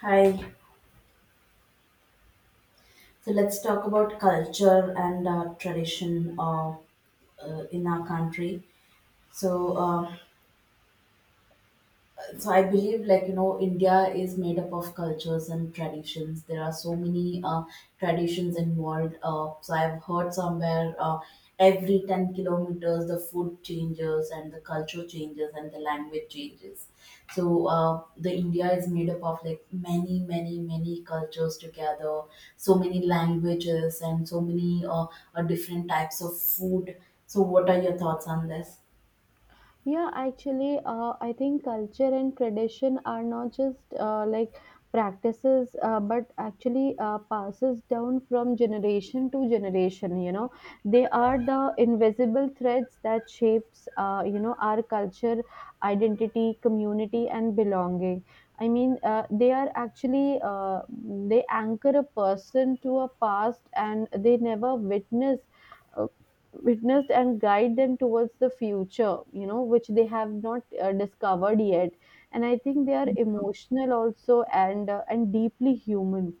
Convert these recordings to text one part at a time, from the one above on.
Hi. So let's talk about culture and tradition of in our country. So uh, so I believe like you know india is made up of cultures and traditions. There are so many traditions involved. So I've heard somewhere every 10 kilometers the food changes and the culture changes and the language changes. So uh, the india is made up of like many many many cultures together, so many languages and so many different types of food. So what are your thoughts on this? Yeah, actually, I think culture and tradition are not just like practices, but actually passes down from generation to generation. You know, they are the invisible threads that shapes, our culture, identity, community, and belonging. I mean, they are actually they anchor a person to a past, and they never uh, witnessed and guide them towards the future, you know, which they have not discovered yet. And I think they are emotional also and and deeply human.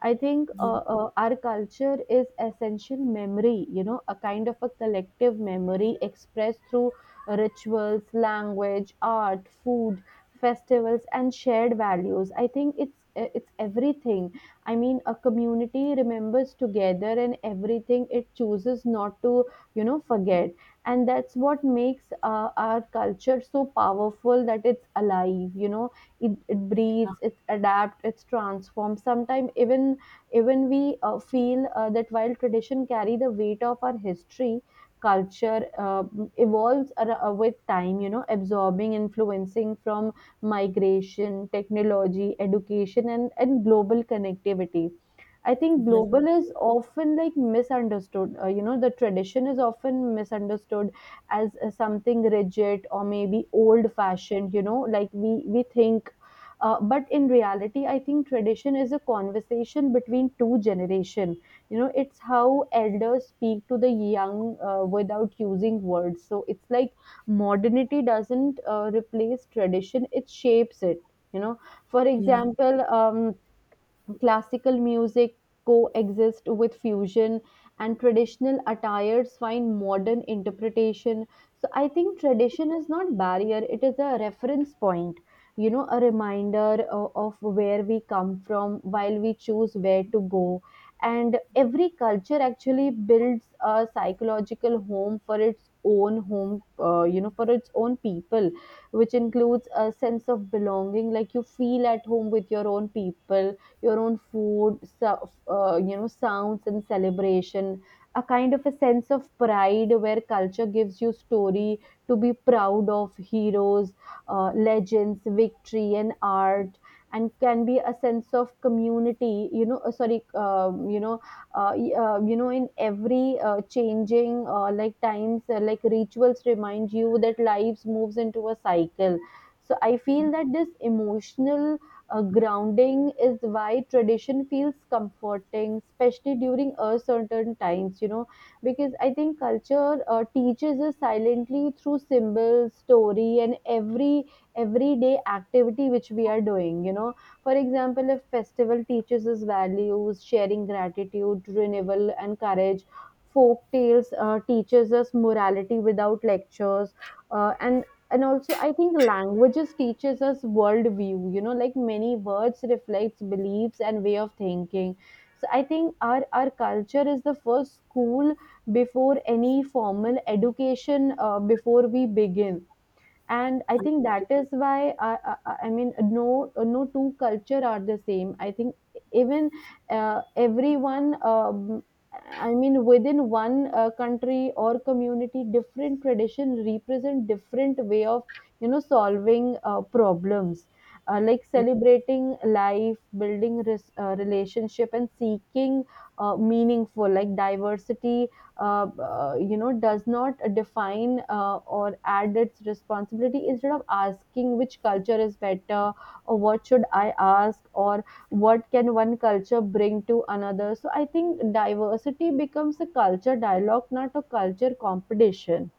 I think Yeah, our culture is essential memory, you know, a kind of a collective memory expressed through rituals, language, art, food, festivals, and shared values. I think it's everything. I mean, a community remembers together and everything. It chooses not to, forget. And that's what makes our culture so powerful that it's alive, you know. It breathes, it adapts, it's transformed sometimes, even we feel that while tradition carry the weight of our history, culture evolves with time, you know, absorbing influencing from migration, technology, education, and global connectivity. I think yeah, global is often like misunderstood. The tradition is often misunderstood as something rigid or maybe old fashioned, you know, like we think. But in reality, I think tradition is a conversation between two generation. You know, it's how elders speak to the young without using words. So it's like modernity doesn't replace tradition; it shapes it. You know, for yeah. example, classical music coexist with fusion, and traditional attires find modern interpretation. So I think tradition is not barrier, it is a reference point, you know, a reminder of where we come from while we choose where to go. And every culture actually builds a psychological home for its own home, for its own people, which includes a sense of belonging, like you feel at home with your own people, your own food, so, sounds and celebration, a kind of a sense of pride where culture gives you story to be proud of heroes, legends, victory, and art, and can be a sense of community. You know, sorry, you know, y- you know, in every changing like times, like rituals remind you that lives moves into a cycle. So I feel that this emotional grounding is why tradition feels comforting, especially during uncertain times, you know, because I think culture teaches us silently through symbols, story, and everyday activity which we are doing, you know. For example, if festival teaches us values, sharing gratitude, renewal, and courage. Folk tales teaches us morality without lectures, uh, and and also I think languages teaches us worldview, you know, like many words reflects beliefs and way of thinking. So I think our culture is the first school before any formal education, before we begin. And I think that is why I mean, no two culture are the same. I think even, everyone, I mean within one country or community different tradition represent different way of, you know, solving problems, like celebrating life, building relationship, and seeking meaningful like diversity. Uh, you know, does not define or add its responsibility. Instead of asking which culture is better or what should I ask, or what can one culture bring to another, so I think diversity becomes a culture dialogue, not a culture competition.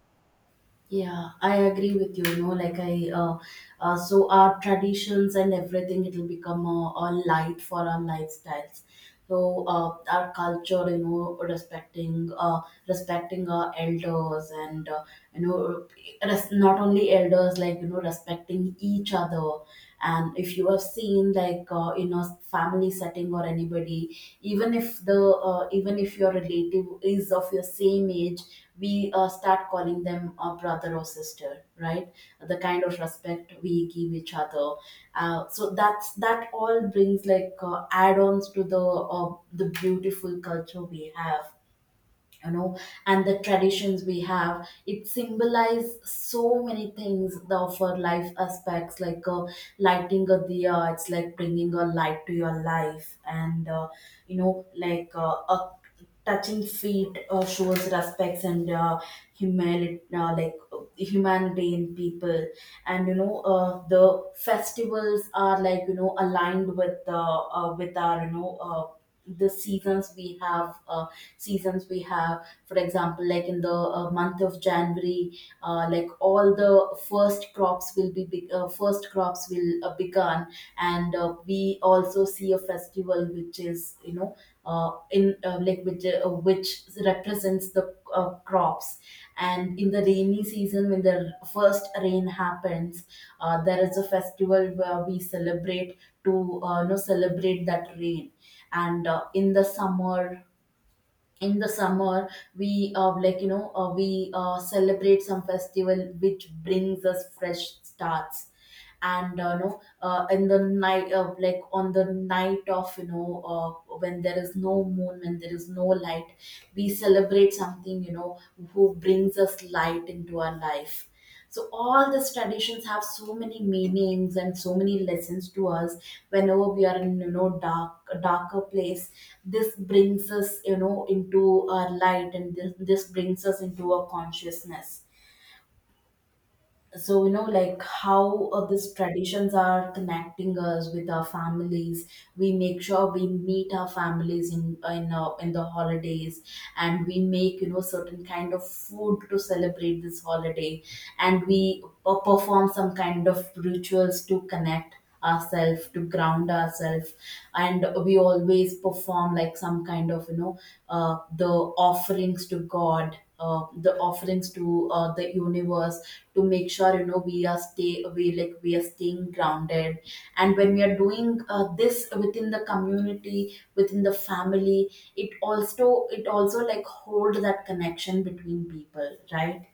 Yeah, I agree with you. You know, like so our traditions and everything, it'll become a light for our lifestyles. So our culture, you know, respecting our elders, and you know, not only elders, like you know, respecting each other. And if you have seen like in a family setting or anybody, even if the even if your relative is of your same age, we start calling them a brother or sister, right? The kind of respect we give each other, so that's, that all brings like add-ons to the beautiful culture we have, you know. And the traditions we have, it symbolize so many things, the for life aspects, like lighting a diya. It's like bringing a light to your life. And you know, like a touching feet shows respects and humility, like humanity in people. And you know, the festivals are, like you know, aligned with our, you know, the seasons we have, seasons we have. For example, like in the month of january, like all the first crops will be, first crops will begun. And we also see a festival which is, you know, in like which represents the crops. And in the rainy season, when the first rain happens, there is a festival where we celebrate, to you know, celebrate that rain. And in the summer, we like you know, we celebrate some festival which brings us fresh starts. And no in the night of like on the night of, you know, when there is no moon, when there is no light, we celebrate something, you know, who brings us light into our life. So all these traditions have so many meanings and so many lessons to us. Whenever we are in, you know, dark a darker place, this brings us, you know, into our light, and this brings us into our consciousness. So you know, like how these traditions are connecting us with our families. We make sure we meet our families in in the holidays, and we make, you know, certain kind of food to celebrate this holiday, and we perform some kind of rituals to connect ourselves, to ground ourselves. And we always perform like some kind of, you know, the offerings to god, the offerings to the universe, to make sure, you know, we are stay we like we are staying grounded. And when we are doing this within the community, within the family, it also, it also like hold that connection between people, right?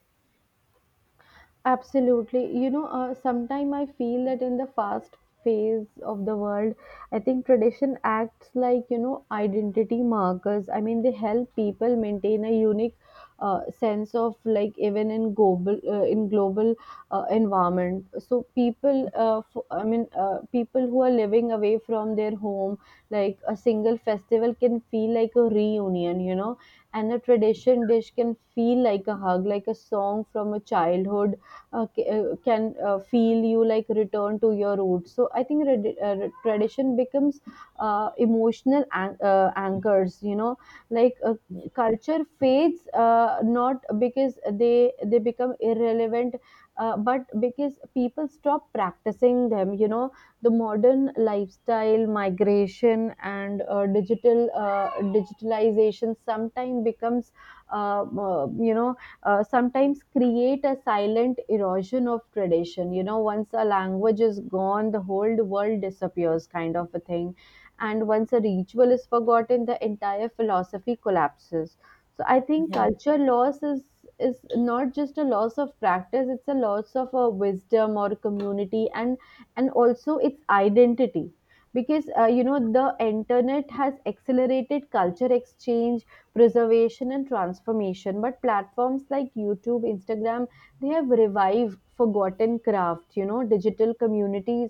Absolutely. You know, sometimes I feel that in the fast phase of the world, I think tradition acts like, you know, identity markers. I mean, they help people maintain a unique sense of like, even in global environment. So people, I mean, people who are living away from their home, like a single festival can feel like a reunion, you know, and a tradition dish can feel like a hug, like a song from a childhood, okay, can feel you like return to your roots. So I think tradition becomes emotional anchors. You know, like, culture fades not because they become irrelevant, but because people stop practicing them. You know, the modern lifestyle, migration, and digitalization sometimes becomes uh, uh, you know sometimes create a silent erosion of tradition. You know, once a language is gone, the whole world disappears, kind of a thing. And once a ritual is forgotten, the entire philosophy collapses. So I think Yeah, culture loss is not just a loss of practice; it's a loss of a wisdom or community, and also its identity, because you know, the internet has accelerated culture exchange, preservation, and transformation. But platforms like YouTube, Instagram, they have revived forgotten craft. You know, digital communities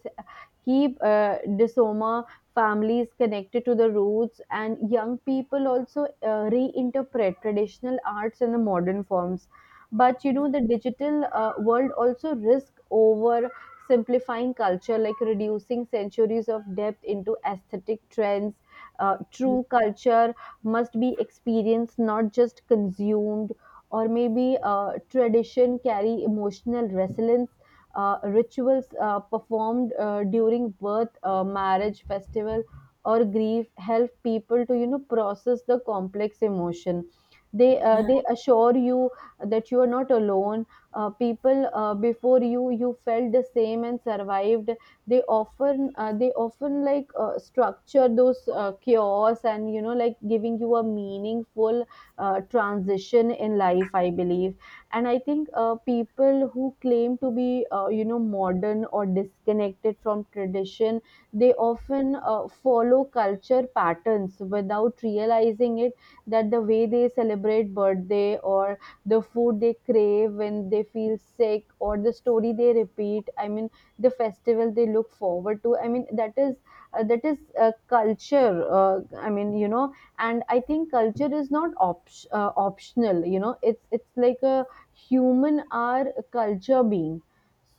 keep disoma families connected to the roots, and young people also reinterpret traditional arts in the modern forms. But you know, the digital world also risk over simplifying culture, like reducing centuries of depth into aesthetic trends. True culture must be experienced, not just consumed. Or maybe tradition carry emotional resilience. Rituals performed during birth, marriage, festival, or grief help people to, you know, process the complex emotion. They uh, yeah, they assure you that you are not alone. People before you felt the same and survived. They often like structure those chaos and, you know, like giving you a meaningful transition in life, I believe. And I think people who claim to be you know, modern or disconnected from tradition, they often follow culture patterns without realizing it. That the way they celebrate birthday, or the food they crave when they feel sick, or the story they repeat, I mean the festival they look forward to, I mean that is uh, that is culture, I mean, you know. And I think culture is not optional, you know. It's like a human are a culture being.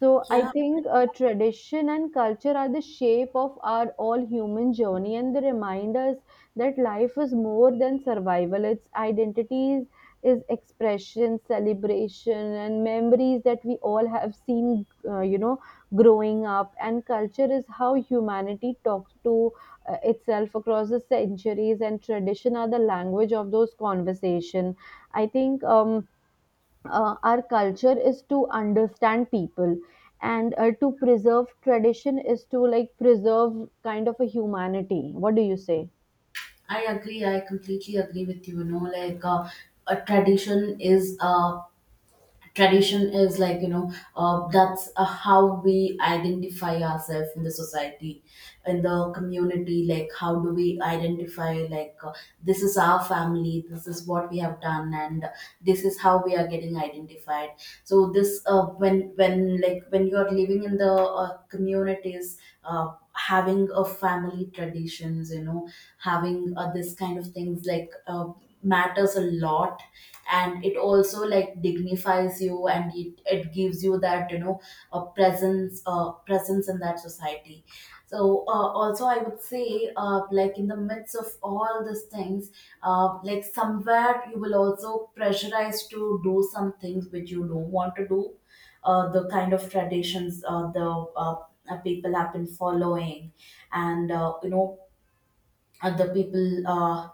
So I yeah. think tradition and culture are the shape of our all human journey, and they remind us that life is more than survival. Its identities is expression, celebration, and memories that we all have seen, growing up. And culture is how humanity talks to itself across the centuries, and tradition are the language of those conversation, I think. Our culture is to understand people, and to preserve tradition is to like preserve kind of a humanity. What do you say? I agree. I completely agree with you. You know, like a tradition is like you know, that's how we identify ourselves in the society, in the community. Like how do we identify, like this is our family, this is what we have done, and this is how we are getting identified. So this when like when you are living in the communities, uh, having a family traditions, you know, having this kind of things, like matters a lot. And it also like dignifies you and it gives you that, you know, a presence, presence in that society. So also I would say like in the midst of all these things, like somewhere you will also pressurize to do some things which you don't want to do, the kind of traditions, the people have been following. And you know, other people uh,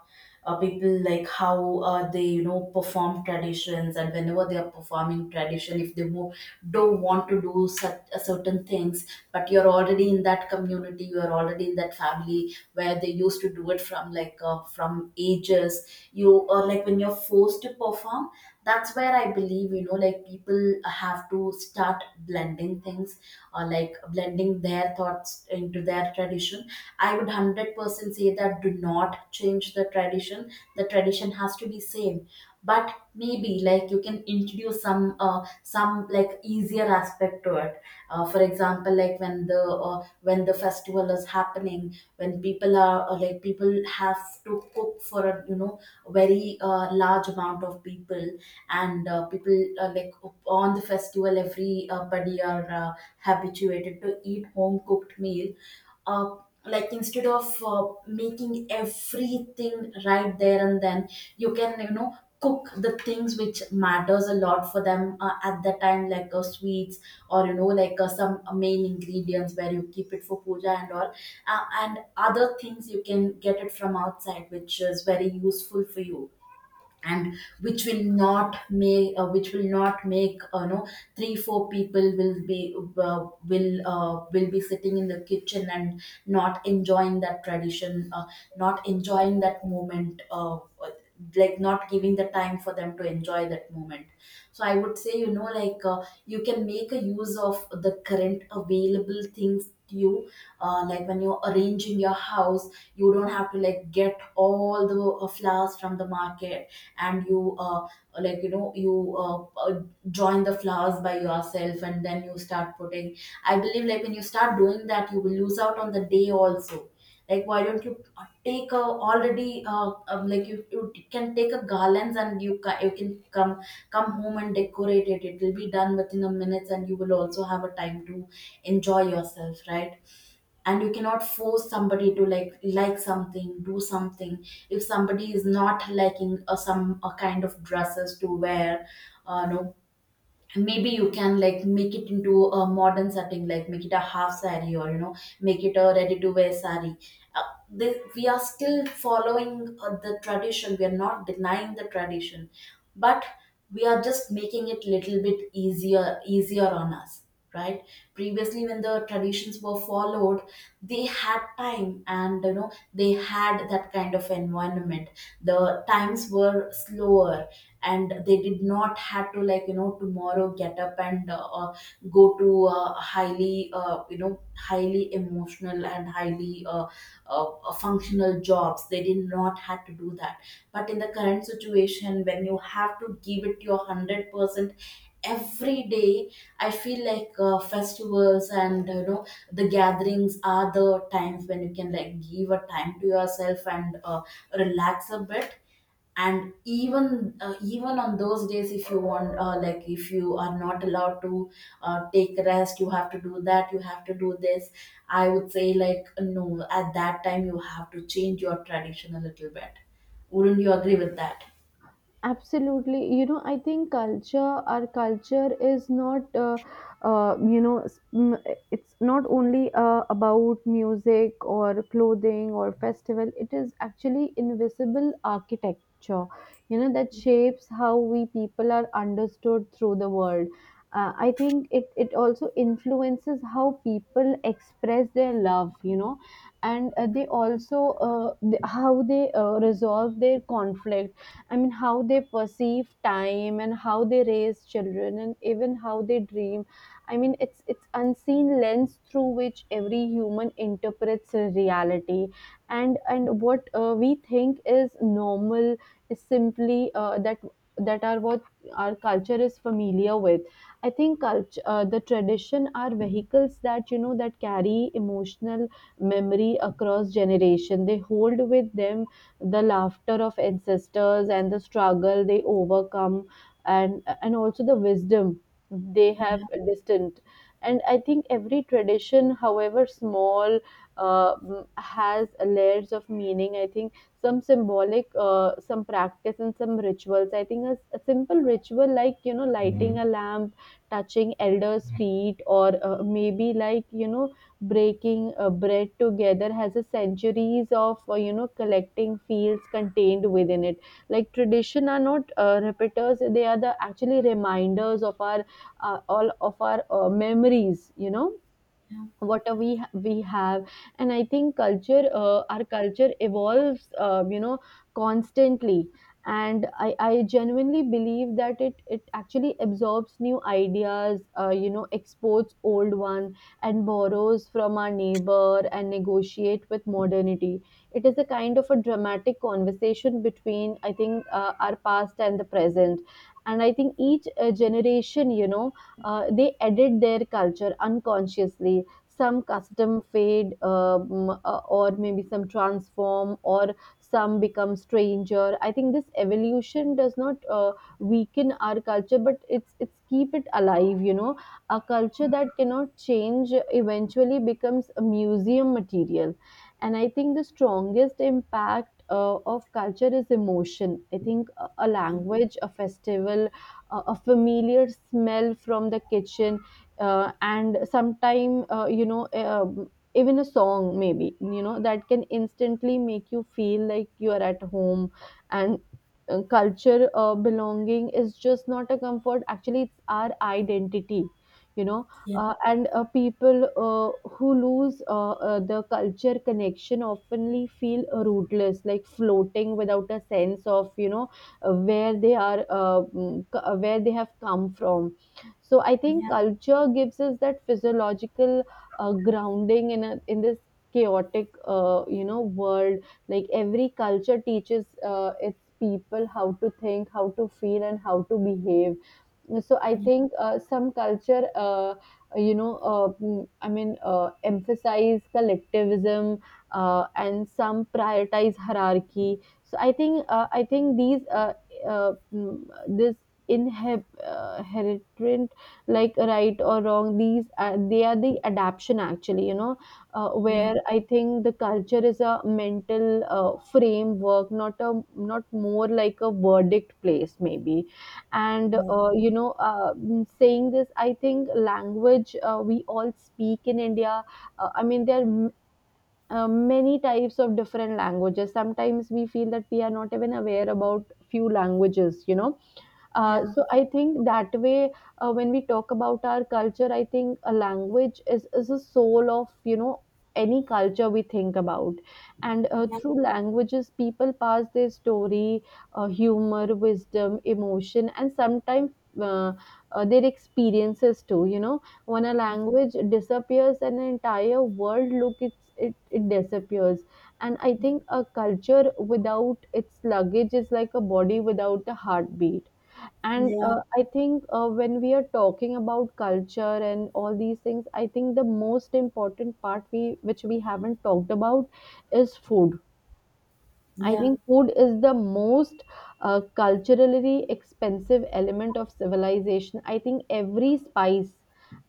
uh, people, like how they, you know, perform traditions, and whenever they are performing tradition, if they don't want to do certain things, but you're already in that community, you're already in that family where they used to do it from, like from ages, you, or like when you're forced to perform, that's where I believe, you know, like people have to start blending things, like blending their thoughts into their tradition. I would 100% say that do not change the tradition, the tradition has to be same. But maybe, like you can introduce some like easier aspect to it. For example, like uh, when the festival is happening, when people are like, people have to cook for a, you know, very large amount of people. And people like, on the festival, everybody are habituated to eat home cooked meal. uh, like instead of making everything right there and then, you can, you know, cook the things which matters a lot for them at the time, like sweets, or you know, like some main ingredients where you keep it for puja and all. And other things you can get it from outside, which is very useful for you. And which will not make, you know, 3 4 people will be will be sitting in the kitchen and not enjoying that tradition, not enjoying that moment, like not giving the time for them to enjoy that moment. So I would say, you know, like you can make a use of the current available things to you, like when you're arranging your house, you don't have to like get all the flowers from the market and you like you know, you join the flowers by yourself and then you start putting. I believe like when you start doing that you will lose out on the day also. Like why don't you take a already like you can take a garlands and you can come home and decorate it. It will be done within a minute and you will also have a time to enjoy yourself, right? And you cannot force somebody to like something, do something. If somebody is not liking some a kind of dresses to wear, no, maybe you can like make it into a modern setting, like make it a half sari, or you know, make it a ready to wear sari. uh, this, we are still following the tradition, we are not denying the tradition. But we are just making it little bit easier on us, right? Previously when the traditions were followed, they had time, and you know, they had that kind of environment. The times were slower, and they did not have to like, you know, tomorrow get up and go to highly, you know, highly emotional and highly functional jobs. They did not have to do that. But in the current situation, when you have to give it your 100% every day, I feel like festivals and you know, the gatherings are the times when you can like give a time to yourself and relax a bit. And even, even on those days, if you want, like if you are not allowed to take rest, you have to do that, you have to do this, I would say, like no. At that time, you have to change your tradition a little bit. Wouldn't you agree with that? Absolutely. You know, I think culture, our culture is not, it's not only about music or clothing or festival, it is actually invisible architecture, you know, that shapes how we people are understood through the world. I think it also influences how people express their love, you know, and they also how they resolve their conflict. I mean, how they perceive time, and how they raise children, and even how they dream. I mean, it's unseen lens through which every human interprets reality, and what we think is normal is simply that that are what our culture is familiar with. I think culture, the tradition are vehicles that, you know, that carry emotional memory across generation. They hold with them the laughter of ancestors and the struggle they overcome, and also the wisdom they have Yeah, distant. And I think every tradition, however small, has layers of meaning. I think some symbolic, some practice, and some rituals. I think a simple ritual, like, you know, lighting a lamp, touching elders feet, or maybe, like, you know, breaking bread together has a centuries of you know, collecting fields contained within it. Like tradition are not repeaters, they are the actually reminders of our, all of our memories, you know. yeah, Whatever we we have. And I think culture, our culture evolves, you know, constantly. And I genuinely believe that it actually absorbs new ideas, you know, exports old one, and borrows from our neighbor and negotiate with modernity. It is a kind of a dramatic conversation between, I think, our past and the present. And I think each generation, you know, they edit their culture unconsciously. Some custom fade, or maybe some transform, or some become stranger. I think this evolution does not weaken our culture, but it's keep it alive, you know. A culture that cannot change eventually becomes a museum material. And I think the strongest impact of culture is emotion. I think a language, a festival, a familiar smell from the kitchen, and sometime, you know, even a song maybe, you know, that can instantly make you feel like you are at home. And culture, belonging is just not a comfort, actually it's our identity, you know. yeah, And People who lose, the culture connection oftenly feel rootless, like floating without a sense of, you know, where they are, where they have come from. So I think yeah, culture gives us that physiological grounding in in this chaotic, you know, world. Like every culture teaches its people how to think, how to feel, and how to behave. So I think, some culture, I mean, emphasize collectivism, and some prioritize hierarchy. So I think, I think these mm, this inhib inherent, like, right or wrong, these, they are the adaption actually, you know. Yeah, Where I think the culture is a mental framework, not more like a verdict place maybe. And yeah, saying this, I think language, we all speak in India. I mean, there are many types of different languages, sometimes we feel that we are not even aware about few languages, you know. Yeah, So I think that way, when we talk about our culture, I think a language is a soul of, you know, any culture we think about. And through languages, people pass their story, humor, wisdom, emotion, and sometimes Uh, their experiences too, you know. When a language disappears, an entire world, look, it disappears. And I think a culture without its luggage is like a body without a heartbeat. And yeah, I think, when we are talking about culture and all these things, I think the most important part we which we haven't talked about is food. I yeah. think food is the most culturally expensive element of civilization. I think every spice,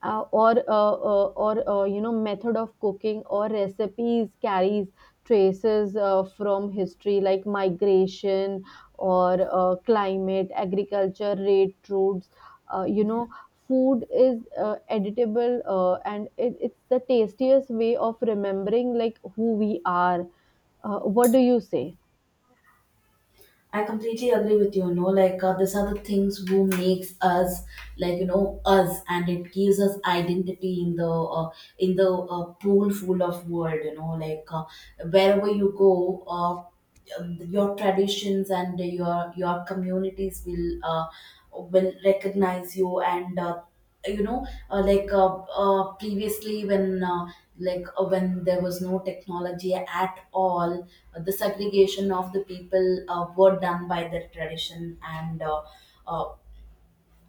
or you know, method of cooking or recipes carries traces from history, like migration, or climate, agriculture, trade routes. You Yeah. know, food is editable, and it's the tastiest way of remembering, like, who we are. What do you say? I completely agree with you. You know, like these are the things who makes us, like you know, us, and it gives us identity in the pool full of world. You know, like wherever you go, your traditions and your communities will recognize you and. Previously, when there was no technology at all, the segregation of the people were done by their tradition and uh,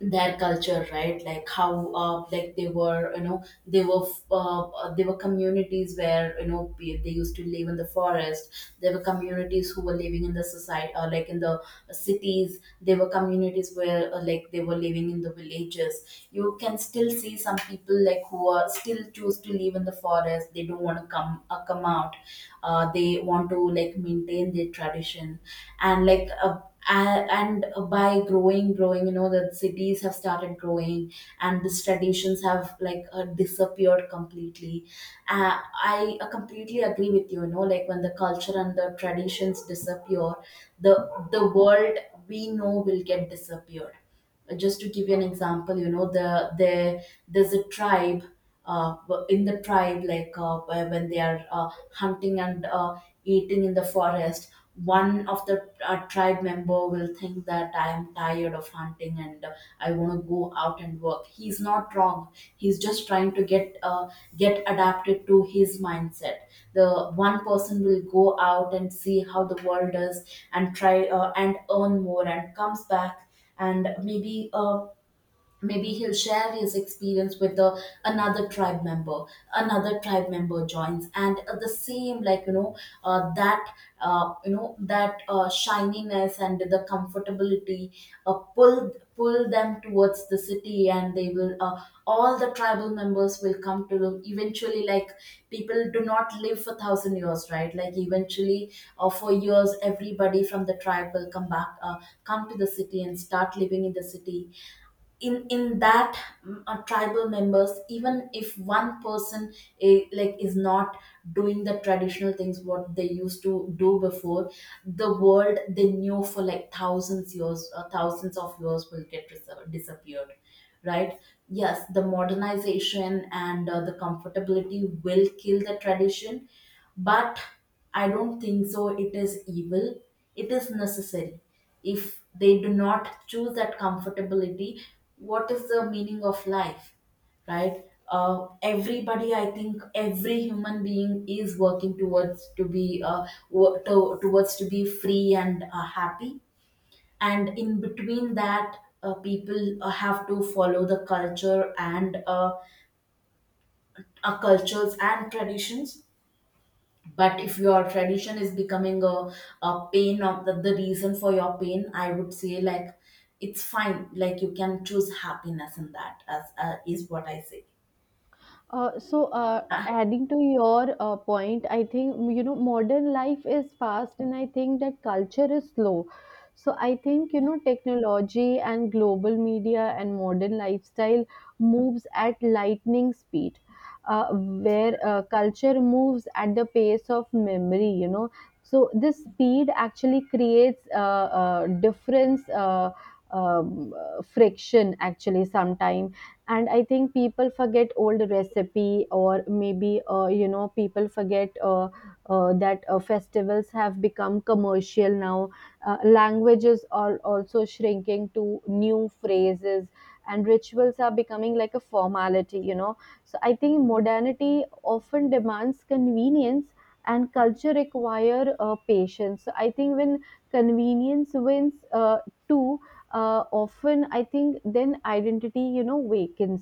their culture, right? Like, how, they were, they were communities where they used to live in the forest. There were communities who were living in the society, or like in the cities. There were communities where, like, they were living in the villages. You can still see some people, like, who are still choose to live in the forest. They don't want to come out. They want to, like, maintain their tradition, and, like, and by growing, the cities have started growing. And these traditions have, like, disappeared completely. I completely agree with you. You know Like, when the culture and the traditions disappear, the the world we know will get disappeared. Just to give you an example. There's a tribe. uh, in the tribe, like, when they are, hunting and, eating in the forest, one of the, tribe member will think that I am tired of hunting, and, I want to go out and work. He's not wrong. He's just trying to get adapted to his mindset. The one person will go out and see how the world is, and try and earn more, and comes back. And maybe he'll share his experience with the another tribe member. Another tribe member joins, and, the same, like, you know that you know that, shininess and the comfortability, pull them towards the city, and they will, all the tribal members will come to them eventually, like, people do not live for 1,000 years, right? Like, eventually, for years, everybody from the tribe will come to the city and start living in the city. In that, tribal members, even if one person, like, is not doing the traditional things what they used to do before, the world they knew for, like, thousands years or thousands of years will disappeared, right? Yes, the modernization and, the comfortability will kill the tradition, but I don't think so it is evil. It is necessary. If they do not choose that comfortability, what is the meaning of life? Right? Everybody, I think, every human being is working towards to be, towards to be free and, happy, and in between that, people have to follow the culture and, cultures and traditions. But if your tradition is becoming a pain of the reason for your pain, I would say, like, it's fine, like, you can choose happiness in that, as, is what I say. Ah, Adding to your point, I think, you know, modern life is fast, and I think that culture is slow. So, I think, you know, technology and global media and modern lifestyle moves at lightning speed, where culture moves at the pace of memory, you know. So this speed actually creates difference. Friction actually, sometimes. And I think people forget old recipe, or maybe, you know, people forget, that festivals have become commercial now. Languages are also shrinking to new phrases, and rituals are becoming like a formality, you know. So I think modernity often demands convenience, and culture require patience. So I think when convenience wins, uh, too often, I think, then identity, you know, wakens.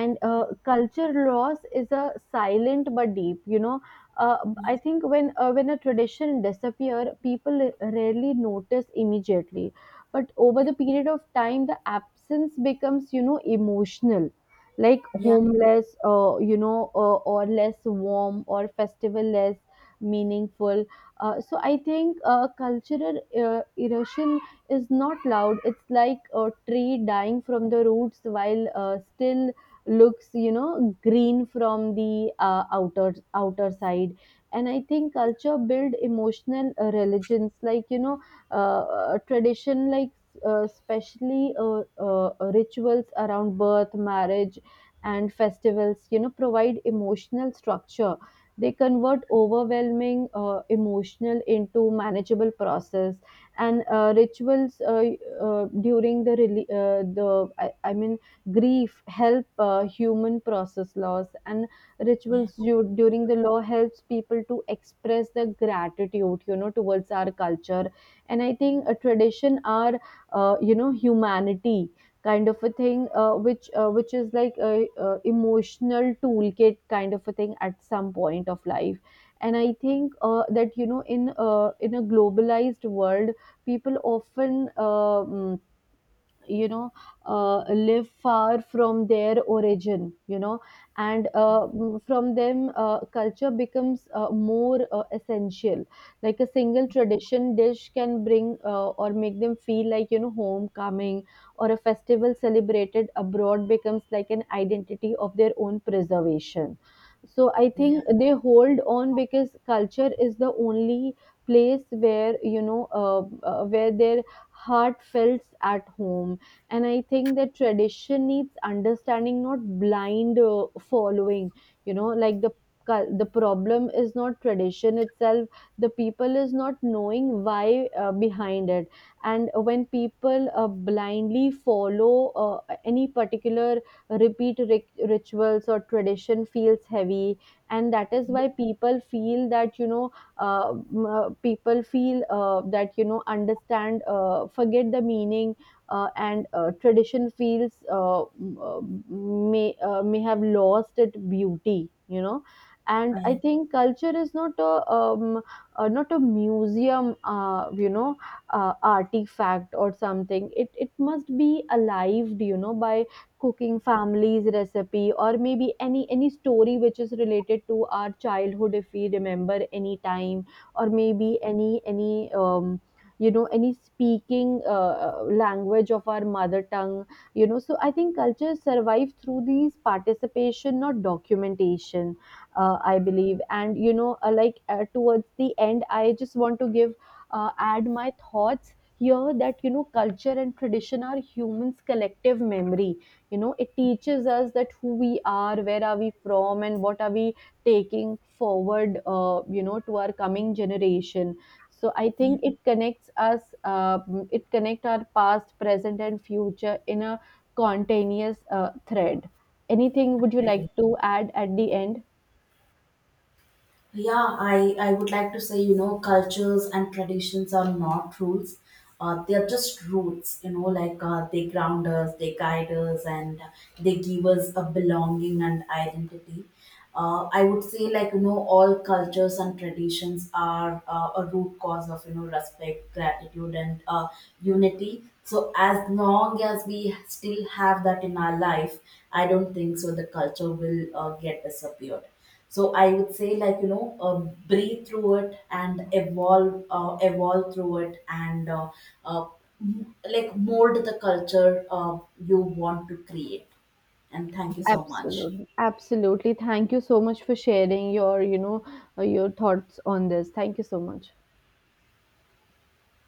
And culture loss is a silent but deep, you know. uh, I yeah, think when, when a tradition disappear, people rarely notice immediately. But over the period of time, the absence becomes, you know, emotional, like yeah, homeless, you know, or less warm or festival less meaningful. So I think, cultural erosion is not loud. It's like a tree dying from the roots while, still looks, you know, green from the outer side. And I think culture build emotional religions, like, you know, uh, tradition, like, especially rituals around birth, marriage, and festivals, you know, provide emotional structure. They convert overwhelming emotional into manageable process. And rituals, during the the, I mean, grief help human process loss, and yeah, rituals during the law, helps people to express their gratitude, you know, towards our culture. And I think a tradition are you know, humanity kind of a thing, which is like a emotional toolkit kind of a thing at some point of life. And I think, that, you know, in, in a globalized world, people often, you know, live far from their origin, you know. And from them, culture becomes more essential. Like a single tradition dish can bring, or make them feel, like, you know, homecoming, or a festival celebrated abroad becomes like an identity of their own preservation. So I yeah, think they hold on because culture is the only place where, you know, where their heart feels at home. And I think that tradition needs understanding, not blind following, you know. Like the the problem is not tradition itself, the people is not knowing why behind it. And when people blindly follow any particular repeat rituals or tradition, feels heavy. And that is why people feel that, you know, people feel that, you know, understand, forget the meaning. And Tradition feels, may have lost its beauty, you know. And I I think culture is not a, not a museum, you know, artifact or something. It must be alive, you know, by cooking family's recipe, or maybe any story which is related to our childhood if we remember any time. Or maybe any um, you know, any speaking language of our mother tongue, you know. So I think cultures survive through these participation, not documentation, I believe. And, you know, like, towards the end, I just want to give, add my thoughts here, that, you know, culture and tradition are humans collective memory, you know. It teaches us that who we are, where are we from, and what are we taking forward, you know, to our coming generation. So I yeah. think it connects us, it connect our past, present and future in a continuous thread. Anything would you I like agree. to add at the end? Yeah, I would like to say, you know, cultures and traditions are not rules. They are just roots, you know, like, they ground us, they guide us, and they give us a belonging and identity. I would say, like, you know, all cultures and traditions are, a root cause of, you know, respect, gratitude, and, unity. So, as long as we still have that in our life, I don't think so the culture will, get disappeared. So I would say, like, breathe through it, and evolve through it, and, uh, like, mold the culture you want to create. And thank you so much. Absolutely, absolutely, thank you so much for sharing your, you know, your thoughts on this. Thank you so much.